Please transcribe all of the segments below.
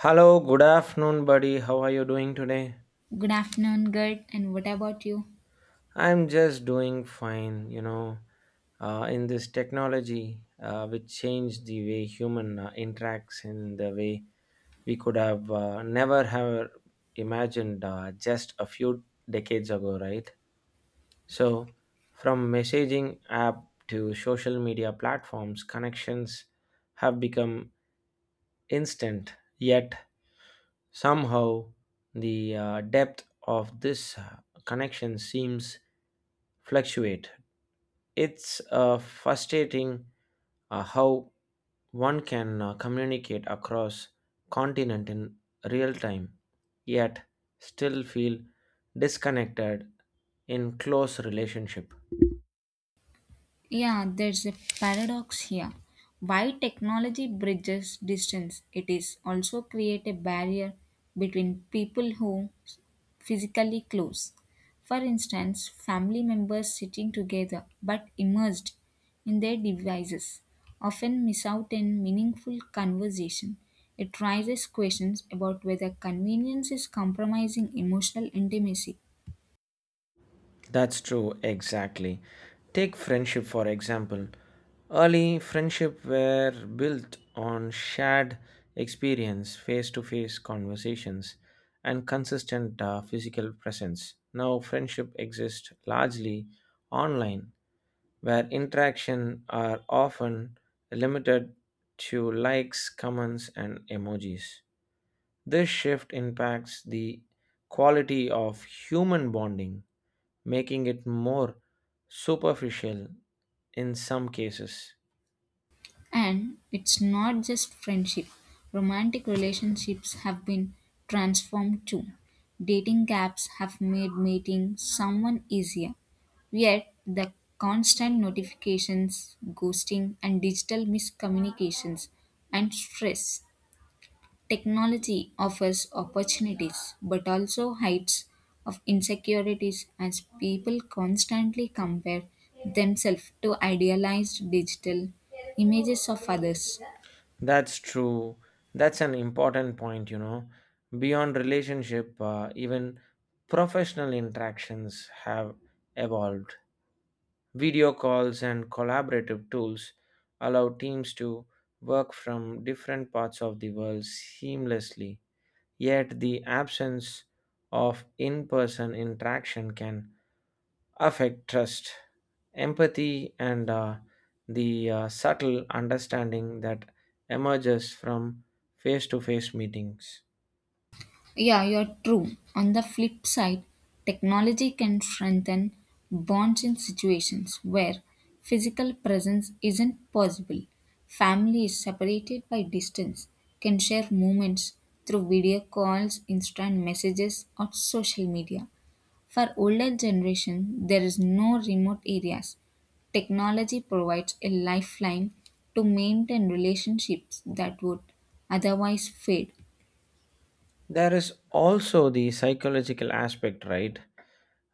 Hello, good afternoon, buddy. How are you doing today? Good afternoon, good. And what about you? I'm just doing fine, you know. In this technology, which changed the way human interacts in the way we could have never have imagined just a few decades ago, right? So, from messaging app to social media platforms, connections have become instant yet somehow, the depth of this connection seems fluctuate. It's frustrating how one can communicate across continent in real time, yet still feel disconnected in close relationship. Yeah, there's a paradox here. Why technology bridges distance, it is also create a barrier between people who physically close. For instance, family members sitting together but immersed in their devices often miss out on meaningful conversation. It raises questions about whether convenience is compromising emotional intimacy. That's true, exactly. Take friendship for example. Early friendship were built on shared experience, face-to-face conversations, and consistent physical presence. Now, friendship exists largely online, where interaction are often limited to likes, comments, and emojis. This shift impacts the quality of human bonding, making it more superficial in some cases. And it's not just friendship. Romantic relationships have been transformed too. Dating apps have made meeting someone easier. Yet, the constant notifications, ghosting, and digital miscommunications and stress. Technology offers opportunities but also heights of insecurities as people constantly compare themselves to idealized digital images of others. That's true. That's an important point, you know. Beyond relationship, even professional interactions have evolved. Video calls and collaborative tools allow teams to work from different parts of the world seamlessly. Yet, the absence of in person interaction can affect trust, empathy, and the subtle understanding that emerges from face to face meetings. Yeah, you're true. On the flip side, technology can strengthen bonds in situations where physical presence isn't possible. Families separated by distance can share moments through video calls, instant messages, or social media. For older generation, there is no remote areas. Technology provides a lifeline to maintain relationships that would otherwise fade. There is also the psychological aspect, right?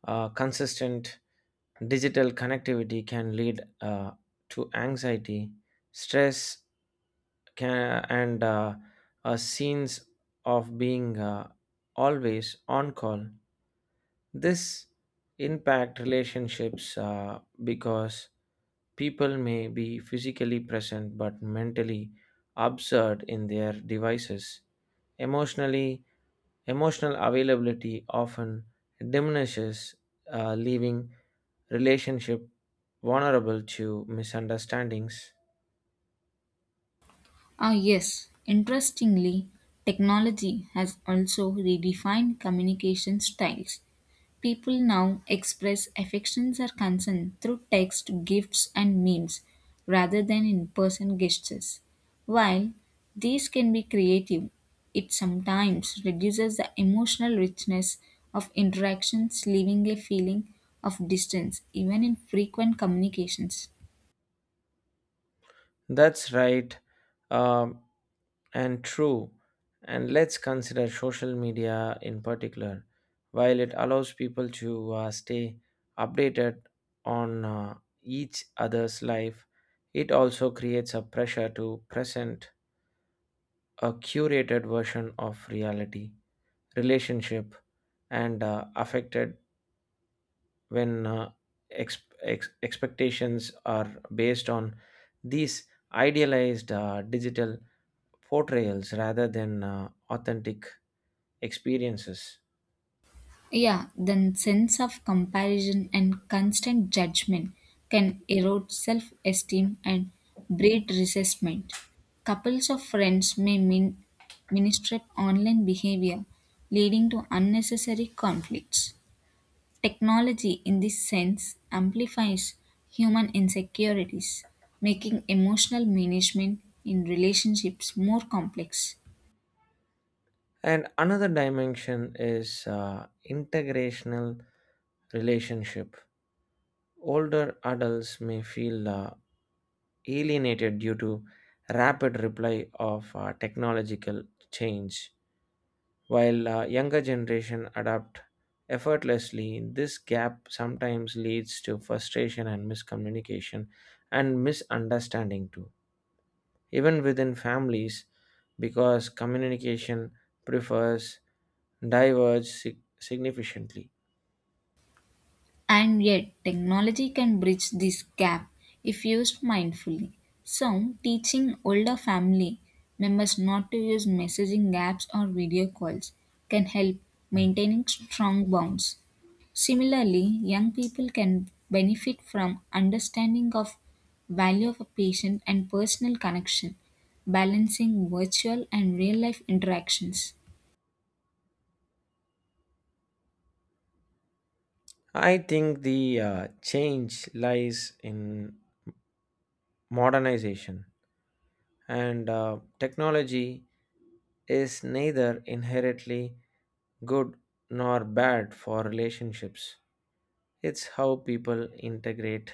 Consistent digital connectivity can lead to anxiety, stress, can, and a sense of being always on call. This impact relationships because people may be physically present but mentally absurd in their devices. Emotionally, emotional availability often diminishes, leaving relationship vulnerable to misunderstandings. Ah, yes. Interestingly, technology has also redefined communication styles. People now express affections or concern through text, gifts, and memes rather than in person gestures. While these can be creative, it sometimes reduces the emotional richness of interactions, leaving a feeling of distance even in frequent communications. That's right. Um, And true. And let's consider social media in particular. While it allows people to stay updated on each other's life, it also creates a pressure to present a curated version of reality, relationship, and affected when expectations are based on these idealized digital portrayals rather than authentic experiences. Yeah, then sense of comparison and constant judgment can erode self-esteem and breed resentment. Couples of friends may ministrate online behavior, leading to unnecessary conflicts. Technology, in this sense, amplifies human insecurities, making emotional management in relationships more complex. And another dimension is integrational relationship. Older adults may feel alienated due to rapid reply of technological change, while younger generation adapt effortlessly. This gap sometimes leads to frustration and miscommunication and misunderstanding too, even within families, because communication prefers diverge significantly. And yet, technology can bridge this gap if used mindfully. So, teaching older family members not to use messaging apps or video calls can help maintaining strong bonds. Similarly, young people can benefit from understanding of value of a patient and personal connection, balancing virtual and real life interactions. I think the change lies in modernization, and technology is neither inherently good nor bad for relationships. It's how people integrate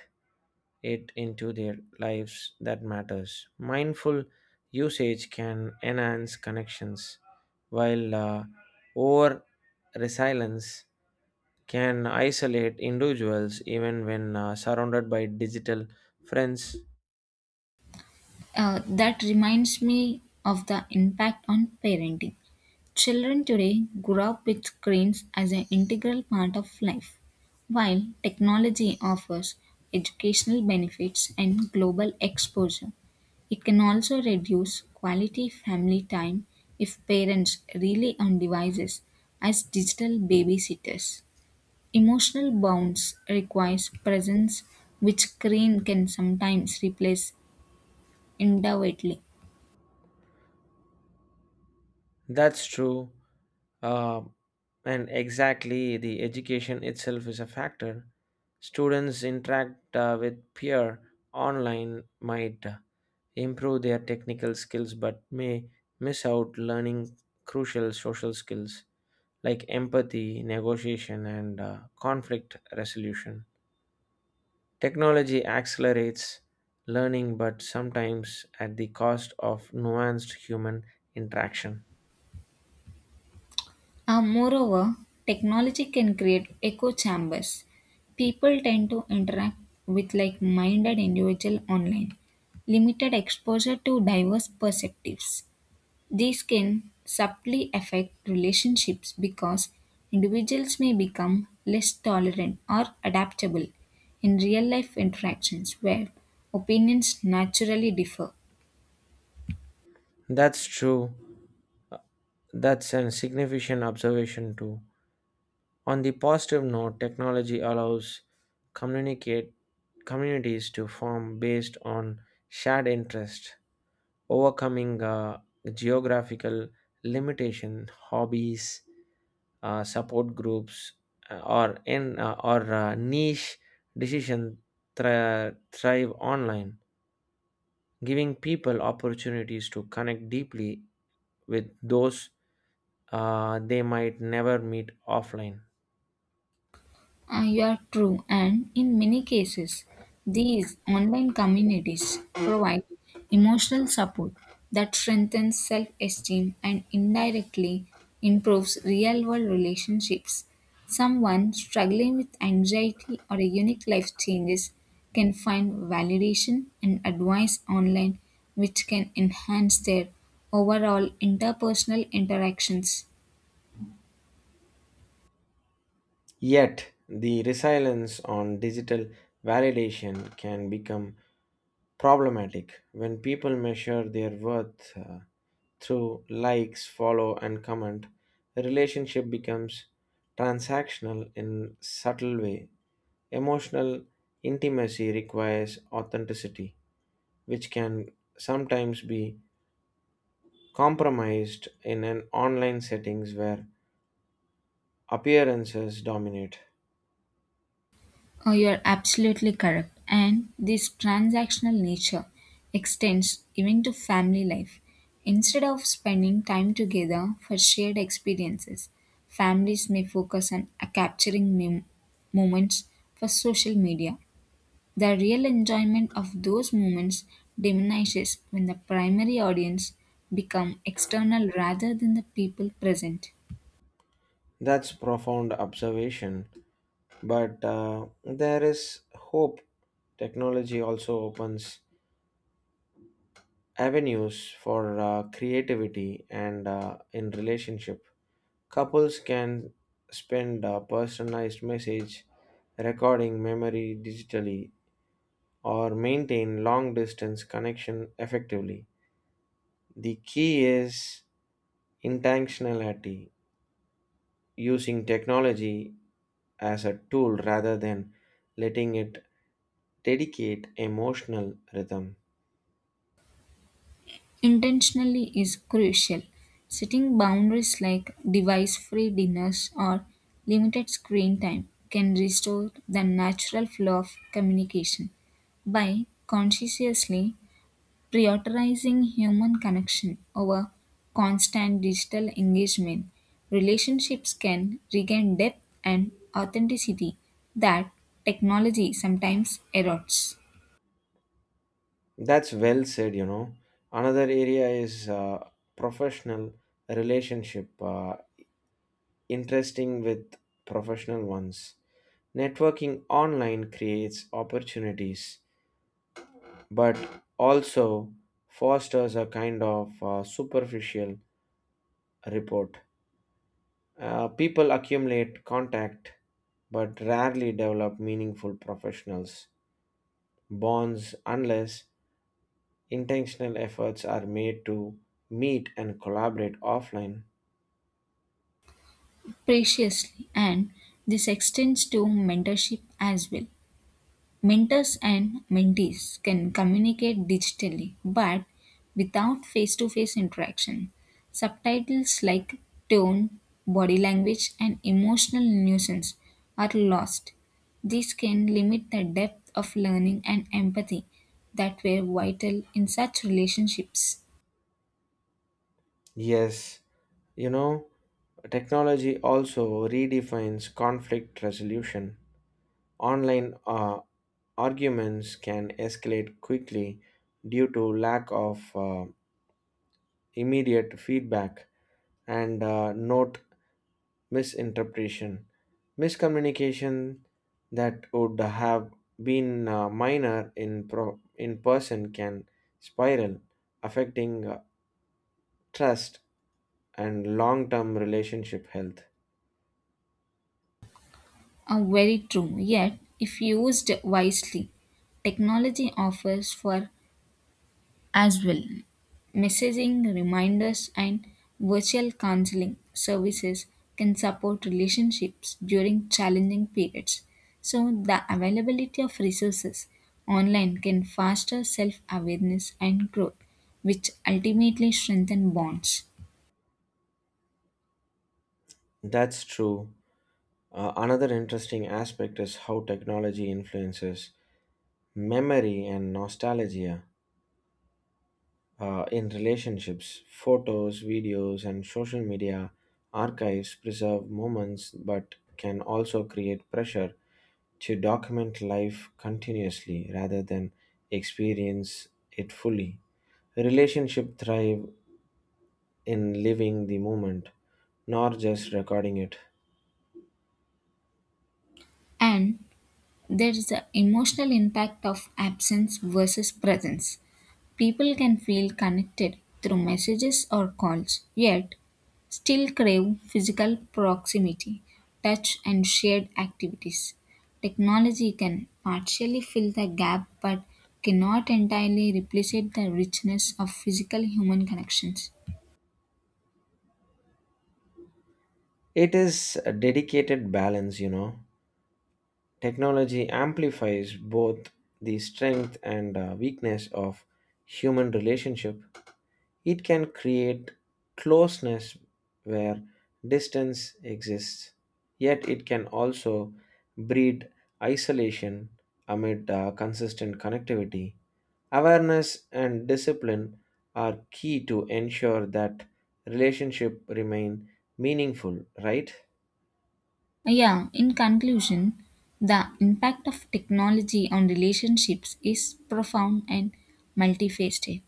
it into their lives that matters. Mindful usage can enhance connections, while over resilience can isolate individuals even when surrounded by digital friends. That reminds me of the impact on parenting. Children today grow up with screens as an integral part of life. While technology offers educational benefits and global exposure, it can also reduce quality family time if parents rely on devices as digital babysitters. Emotional bonds requires presence which screen can sometimes replace individually. That's true. Uh, and exactly, the education itself is a factor. Students interact with peer online might improve their technical skills but may miss out learning crucial social skills like empathy, negotiation, and conflict resolution. Technology accelerates learning but sometimes at the cost of nuanced human interaction. Moreover, technology can create echo chambers. People tend to interact with like minded individuals online, limited exposure to diverse perspectives. These can subtly affect relationships because individuals may become less tolerant or adaptable in real life interactions where opinions naturally differ. That's true. That's a significant observation too. On the positive note, technology allows communicate communities to form based on shared interests, overcoming geographical limitation, hobbies, support groups, or niche decision thrive online, giving people opportunities to connect deeply with those they might never meet offline. You are true, and in many cases, these online communities provide emotional support that strengthens self esteem and indirectly improves real world relationships. Someone struggling with anxiety or a unique life changes can find validation and advice online, which can enhance their overall interpersonal interactions. Yet, the resilience on digital validation can become problematic when people measure their worth through likes, follow, and comment. The relationship becomes transactional in subtle way. Emotional intimacy requires authenticity, which can sometimes be compromised in an online settings where appearances dominate. Oh, you're absolutely correct. And this transactional nature extends even to family life. Instead of spending time together for shared experiences, families may focus on capturing moments for social media. The real enjoyment of those moments diminishes when the primary audience become external rather than the people present. That's profound observation, but there is hope. Technology also opens avenues for creativity and in relationship, couples can spend a personalized message, recording memory digitally or maintain long distance connection effectively. The key is intentionality, using technology as a tool rather than letting it dedicate emotional rhythm. Intentionally is crucial. Setting boundaries like device free dinners or limited screen time can restore the natural flow of communication. By consciously prioritizing human connection over constant digital engagement, relationships can regain depth and authenticity that technology sometimes erodes That's well said, you know. Another area is professional relationship, interesting with professional ones. Networking online creates opportunities, but also fosters a kind of superficial report. People accumulate contact, but rarely develop meaningful professionals bonds unless intentional efforts are made to meet and collaborate offline. preciously. And this extends to mentorship as well. Mentors and mentees can communicate digitally but without face to face interaction. Subtitles like tone, body language, and emotional nuisance are lost. This can limit the depth of learning and empathy that were vital in such relationships. Yes, you know, technology also redefines conflict resolution. Online arguments can escalate quickly due to lack of immediate feedback and note misinterpretation. Miscommunication that would have been minor in person can spiral, affecting trust and long term relationship health. Are very true, yet, if used wisely, technology offers for as well. Messaging, reminders, and virtual counseling services can support relationships during challenging periods. So, the availability of resources online can foster self awareness and growth, which ultimately strengthen bonds. That's true. Another interesting aspect is how technology influences memory and nostalgia in relationships. Photos, videos, and social media archives preserve moments but can also create pressure to document life continuously rather than experience it fully. Relationships thrive in living the moment, not just recording it. And there is the emotional impact of absence versus presence. People can feel connected through messages or calls, yet still crave physical proximity, touch, and shared activities. Technology can partially fill the gap but cannot entirely replace the richness of physical human connections. It is a dedicated balance, you know. Technology amplifies both the strength and weakness of human relationship. It can create closeness where distance exists, yet it can also breed isolation amid consistent connectivity. Awareness and discipline are key to ensure that relationship remain meaningful, right? Yeah, in conclusion, the impact of technology on relationships is profound and multifaceted.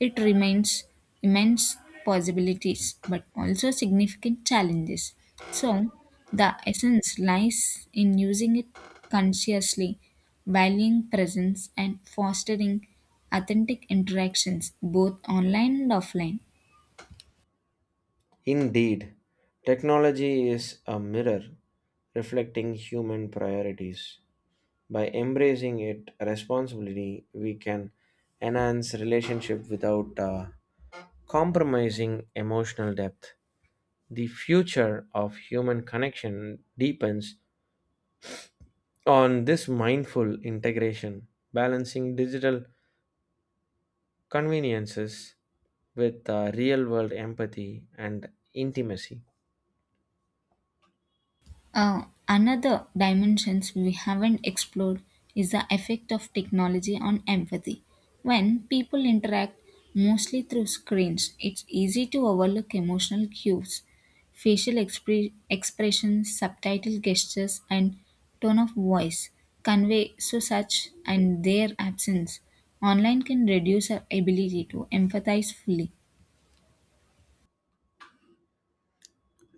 It remains immense possibilities but also significant challenges. So, the essence lies in using it consciously, valuing presence, and fostering authentic interactions both online and offline. Indeed, technology is a mirror reflecting human priorities. By embracing it responsibly, we can enhance relationship without compromising emotional depth. The future of human connection depends on this mindful integration, balancing digital conveniences with real world empathy and intimacy. Another dimensions we haven't explored is the effect of technology on empathy. When people interact mostly through screens, it's easy to overlook emotional cues, facial expressions, subtitle gestures, and tone of voice convey so such and their absence. Online can reduce our ability to empathize fully.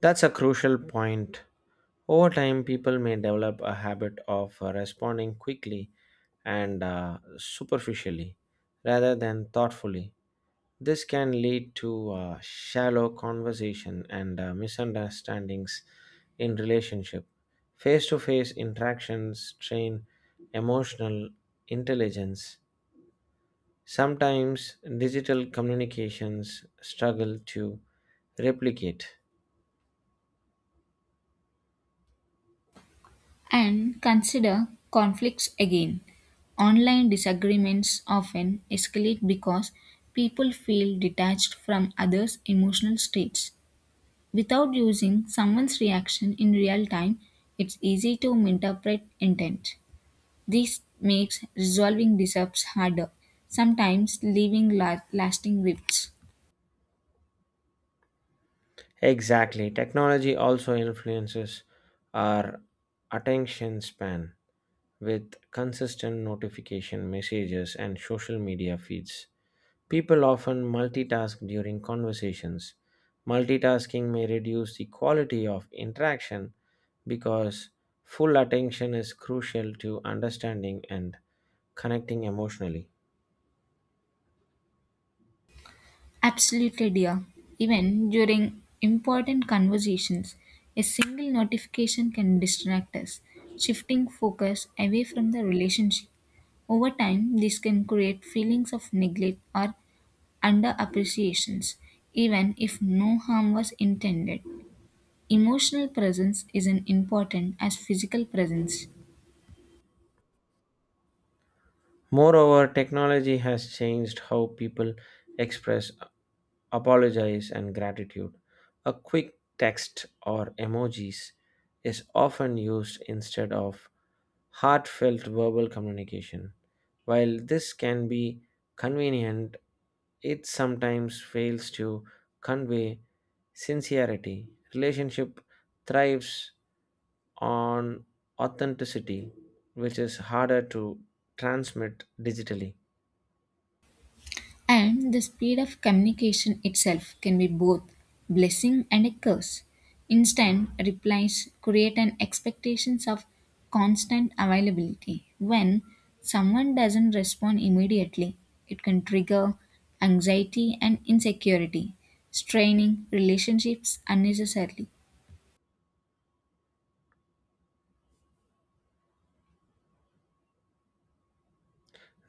That's a crucial point. Over time, people may develop a habit of responding quickly and superficially rather than thoughtfully. This can lead to shallow conversation and misunderstandings in relationship. Face-to-face interactions train emotional intelligence. Sometimes digital communications struggle to replicate. And consider conflicts again. Online disagreements often escalate because people feel detached from others' emotional states. Without using someone's reaction in real time, it's easy to misinterpret intent. This makes resolving disrupts harder, sometimes leaving lasting rifts. Exactly. Technology also influences our attention span with consistent notification messages and social media feeds. People often multitask during conversations. Multitasking may reduce the quality of interaction because full attention is crucial to understanding and connecting emotionally. Absolutely, dear. Even during important conversations, a single notification can distract us, shifting focus away from the relationship. Over time, this can create feelings of neglect or underappreciations, even if no harm was intended. Emotional presence is as important as physical presence. Moreover, technology has changed how people express apologize and gratitude. A quick text or emojis is often used instead of heartfelt verbal communication. While this can be convenient, it sometimes fails to convey sincerity. Relationship thrives on authenticity, which is harder to transmit digitally. And the speed of communication itself can be both blessing and a curse. Instant replies create an expectations of constant availability. When someone doesn't respond immediately, it can trigger anxiety and insecurity, straining relationships unnecessarily.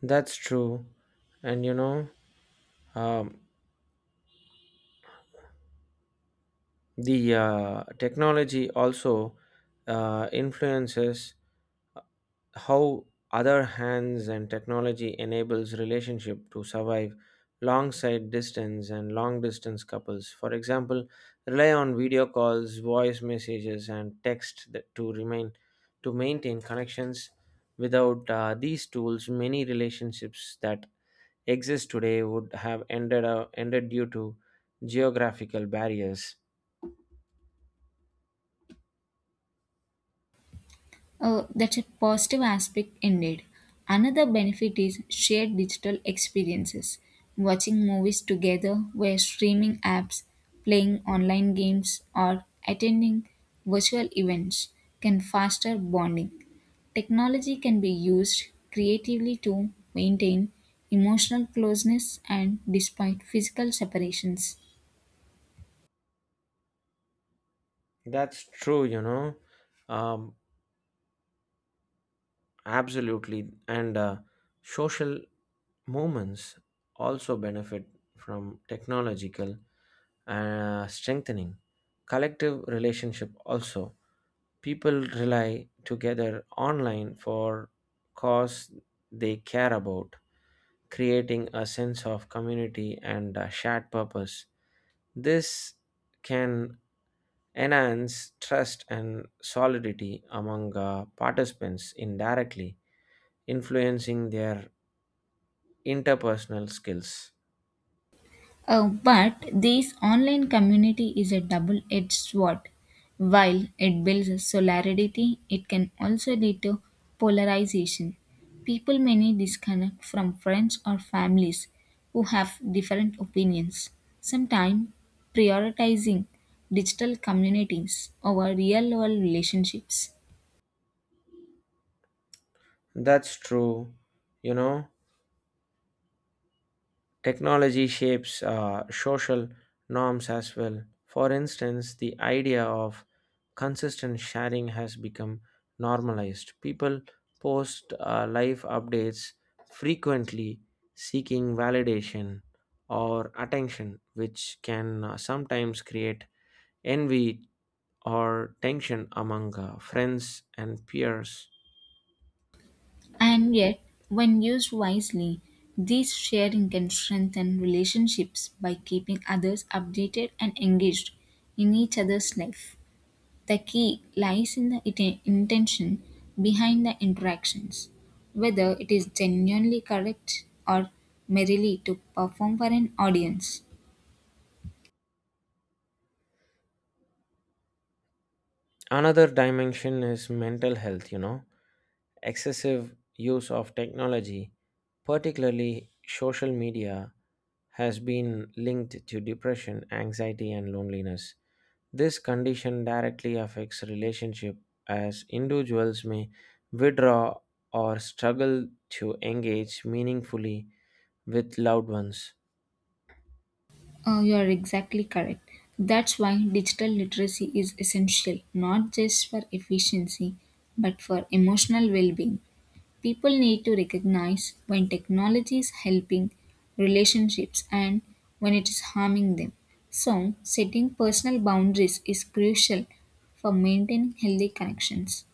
That's true. And you know, um, the technology also influences how other hands, and technology enables relationship to survive long side distance, and long distance couples for example rely on video calls, voice messages, and text that to maintain connections. Without these tools, many relationships that exist today would have ended due to geographical barriers. That's a positive aspect indeed. Another benefit is shared digital experiences. Watching movies together via streaming apps, playing online games, or attending virtual events can foster bonding. Technology can be used creatively to maintain emotional closeness and despite physical separations. That's true, you know, um, absolutely. And social movements also benefit from technological strengthening. Collective relationship also. People rely together online for cause they care about, creating a sense of community and a shared purpose. This can enhance trust and solidity among participants, indirectly influencing their interpersonal skills. But this online community is a double edged sword. While it builds solidarity, it can also lead to polarization. People may disconnect from friends or families who have different opinions. Sometimes prioritizing digital communities over real world relationships. That's true, you know. Technology shapes social norms as well. For instance, the idea of consistent sharing has become normalized. People post life updates frequently, seeking validation or attention, which can sometimes create envy or tension among friends and peers. And yet, when used wisely, this sharing can strengthen relationships by keeping others updated and engaged in each other's life. The key lies in the intention behind the interactions, whether it is genuinely correct or merely to perform for an audience. Another dimension is mental health, you know. Excessive use of technology, particularly social media, has been linked to depression, anxiety, and loneliness. This condition directly affects relationship as individuals may withdraw or struggle to engage meaningfully with loved ones. You are exactly correct. That's why digital literacy is essential not just for efficiency but for emotional well being. People need to recognize when technology is helping relationships and when it is harming them. So, setting personal boundaries is crucial for maintaining healthy connections.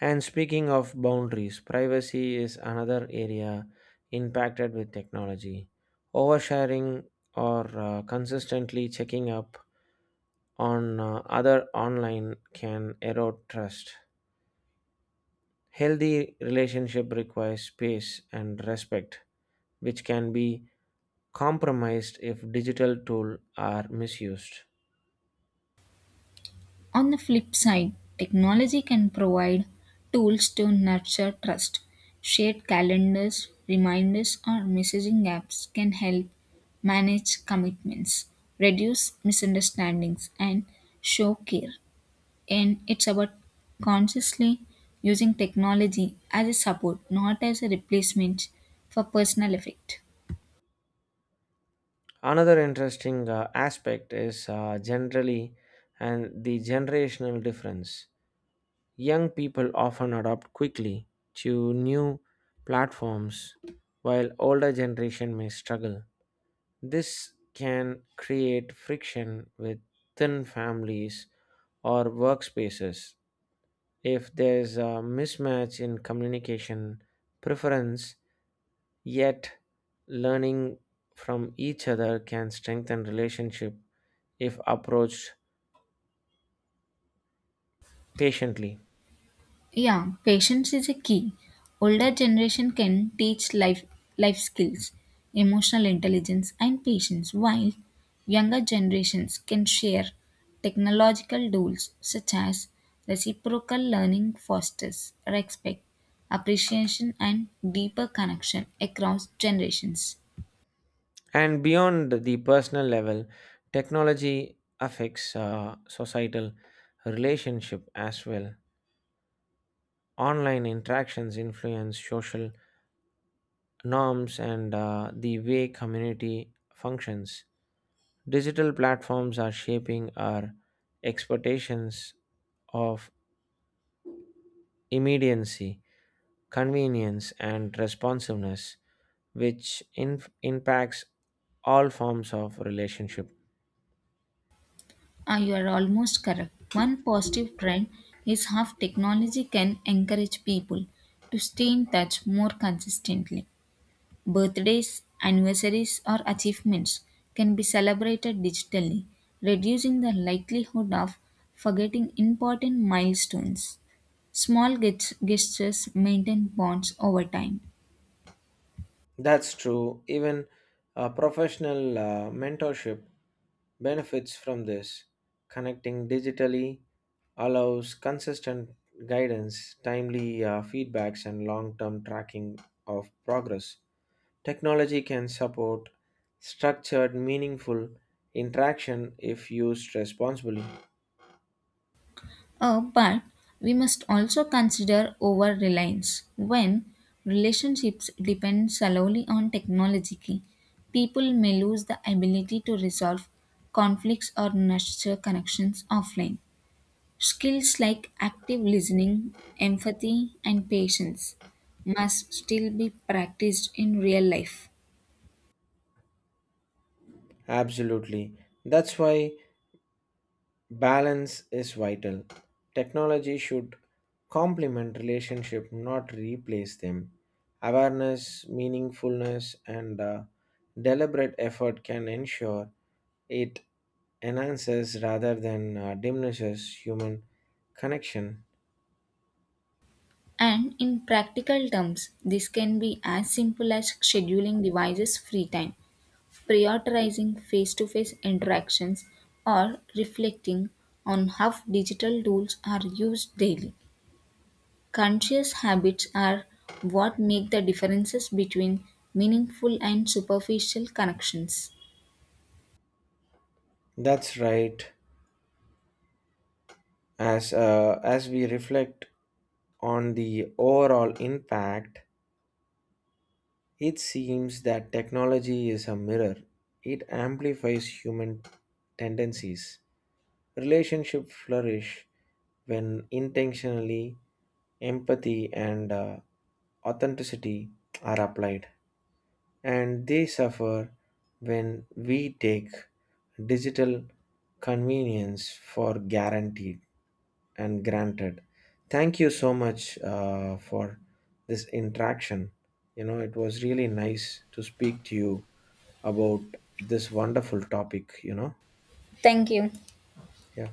And speaking of boundaries, privacy is another area impacted with technology. Oversharing or consistently checking up on other online can erode trust. Healthy relationship requires space and respect, which can be compromised if digital tools are misused. On the flip side, technology can provide tools to nurture trust. Shared calendars, reminders, or messaging apps can help manage commitments, reduce misunderstandings, and show care. And it's about consciously using technology as a support, not as a replacement for personal effect. Another interesting aspect is generally and the generational difference. Young people often adopt quickly to new platforms, while older generation may struggle. This can create friction within families or workspaces if there's a mismatch in communication preference, yet learning from each other can strengthen relationship if approached patiently. Yeah, patience is a key. Older generation can teach life skills, emotional intelligence and patience, while younger generations can share technological tools such as reciprocal learning fosters respect, appreciation and deeper connection across generations. And beyond the personal level, technology affects societal relationship as well. Online interactions influence social norms and the way community functions. Digital platforms are shaping our expectations of immediacy, convenience, and responsiveness, which impacts all forms of relationship. Ah, you are almost correct. One positive trend is how technology can encourage people to stay in touch more consistently. Birthdays, anniversaries, or achievements can be celebrated digitally, reducing the likelihood of forgetting important milestones. Small gestures maintain bonds over time. That's true, even professional mentorship benefits from this. Connecting digitally allows consistent guidance, timely feedbacks, and long term tracking of progress. Technology can support structured, meaningful interaction if used responsibly. But we must also consider over reliance. When relationships depend solely on technology, people may lose the ability to resolve conflicts or nurture connections offline. Skills like active listening, empathy, and patience must still be practiced in real life. Absolutely. That's why balance is vital. Technology should complement relationship, not replace them. Awareness, meaningfulness, and deliberate effort can ensure it enhances rather than diminishes human connection. And in practical terms, this can be as simple as scheduling devices free time, prioritizing face to face interactions, or reflecting on how digital tools are used daily. Conscious habits are what make the differences between meaningful and superficial connections. That's right. As we reflect on the overall impact, it seems that technology is a mirror. It amplifies human tendencies. Relationships flourish when intentionally empathy and authenticity are applied, and they suffer when we take digital convenience for guaranteed and granted. Thank you so much for this interaction, you know. It was really nice to speak to you about this wonderful topic, you know. Thank you. Yeah.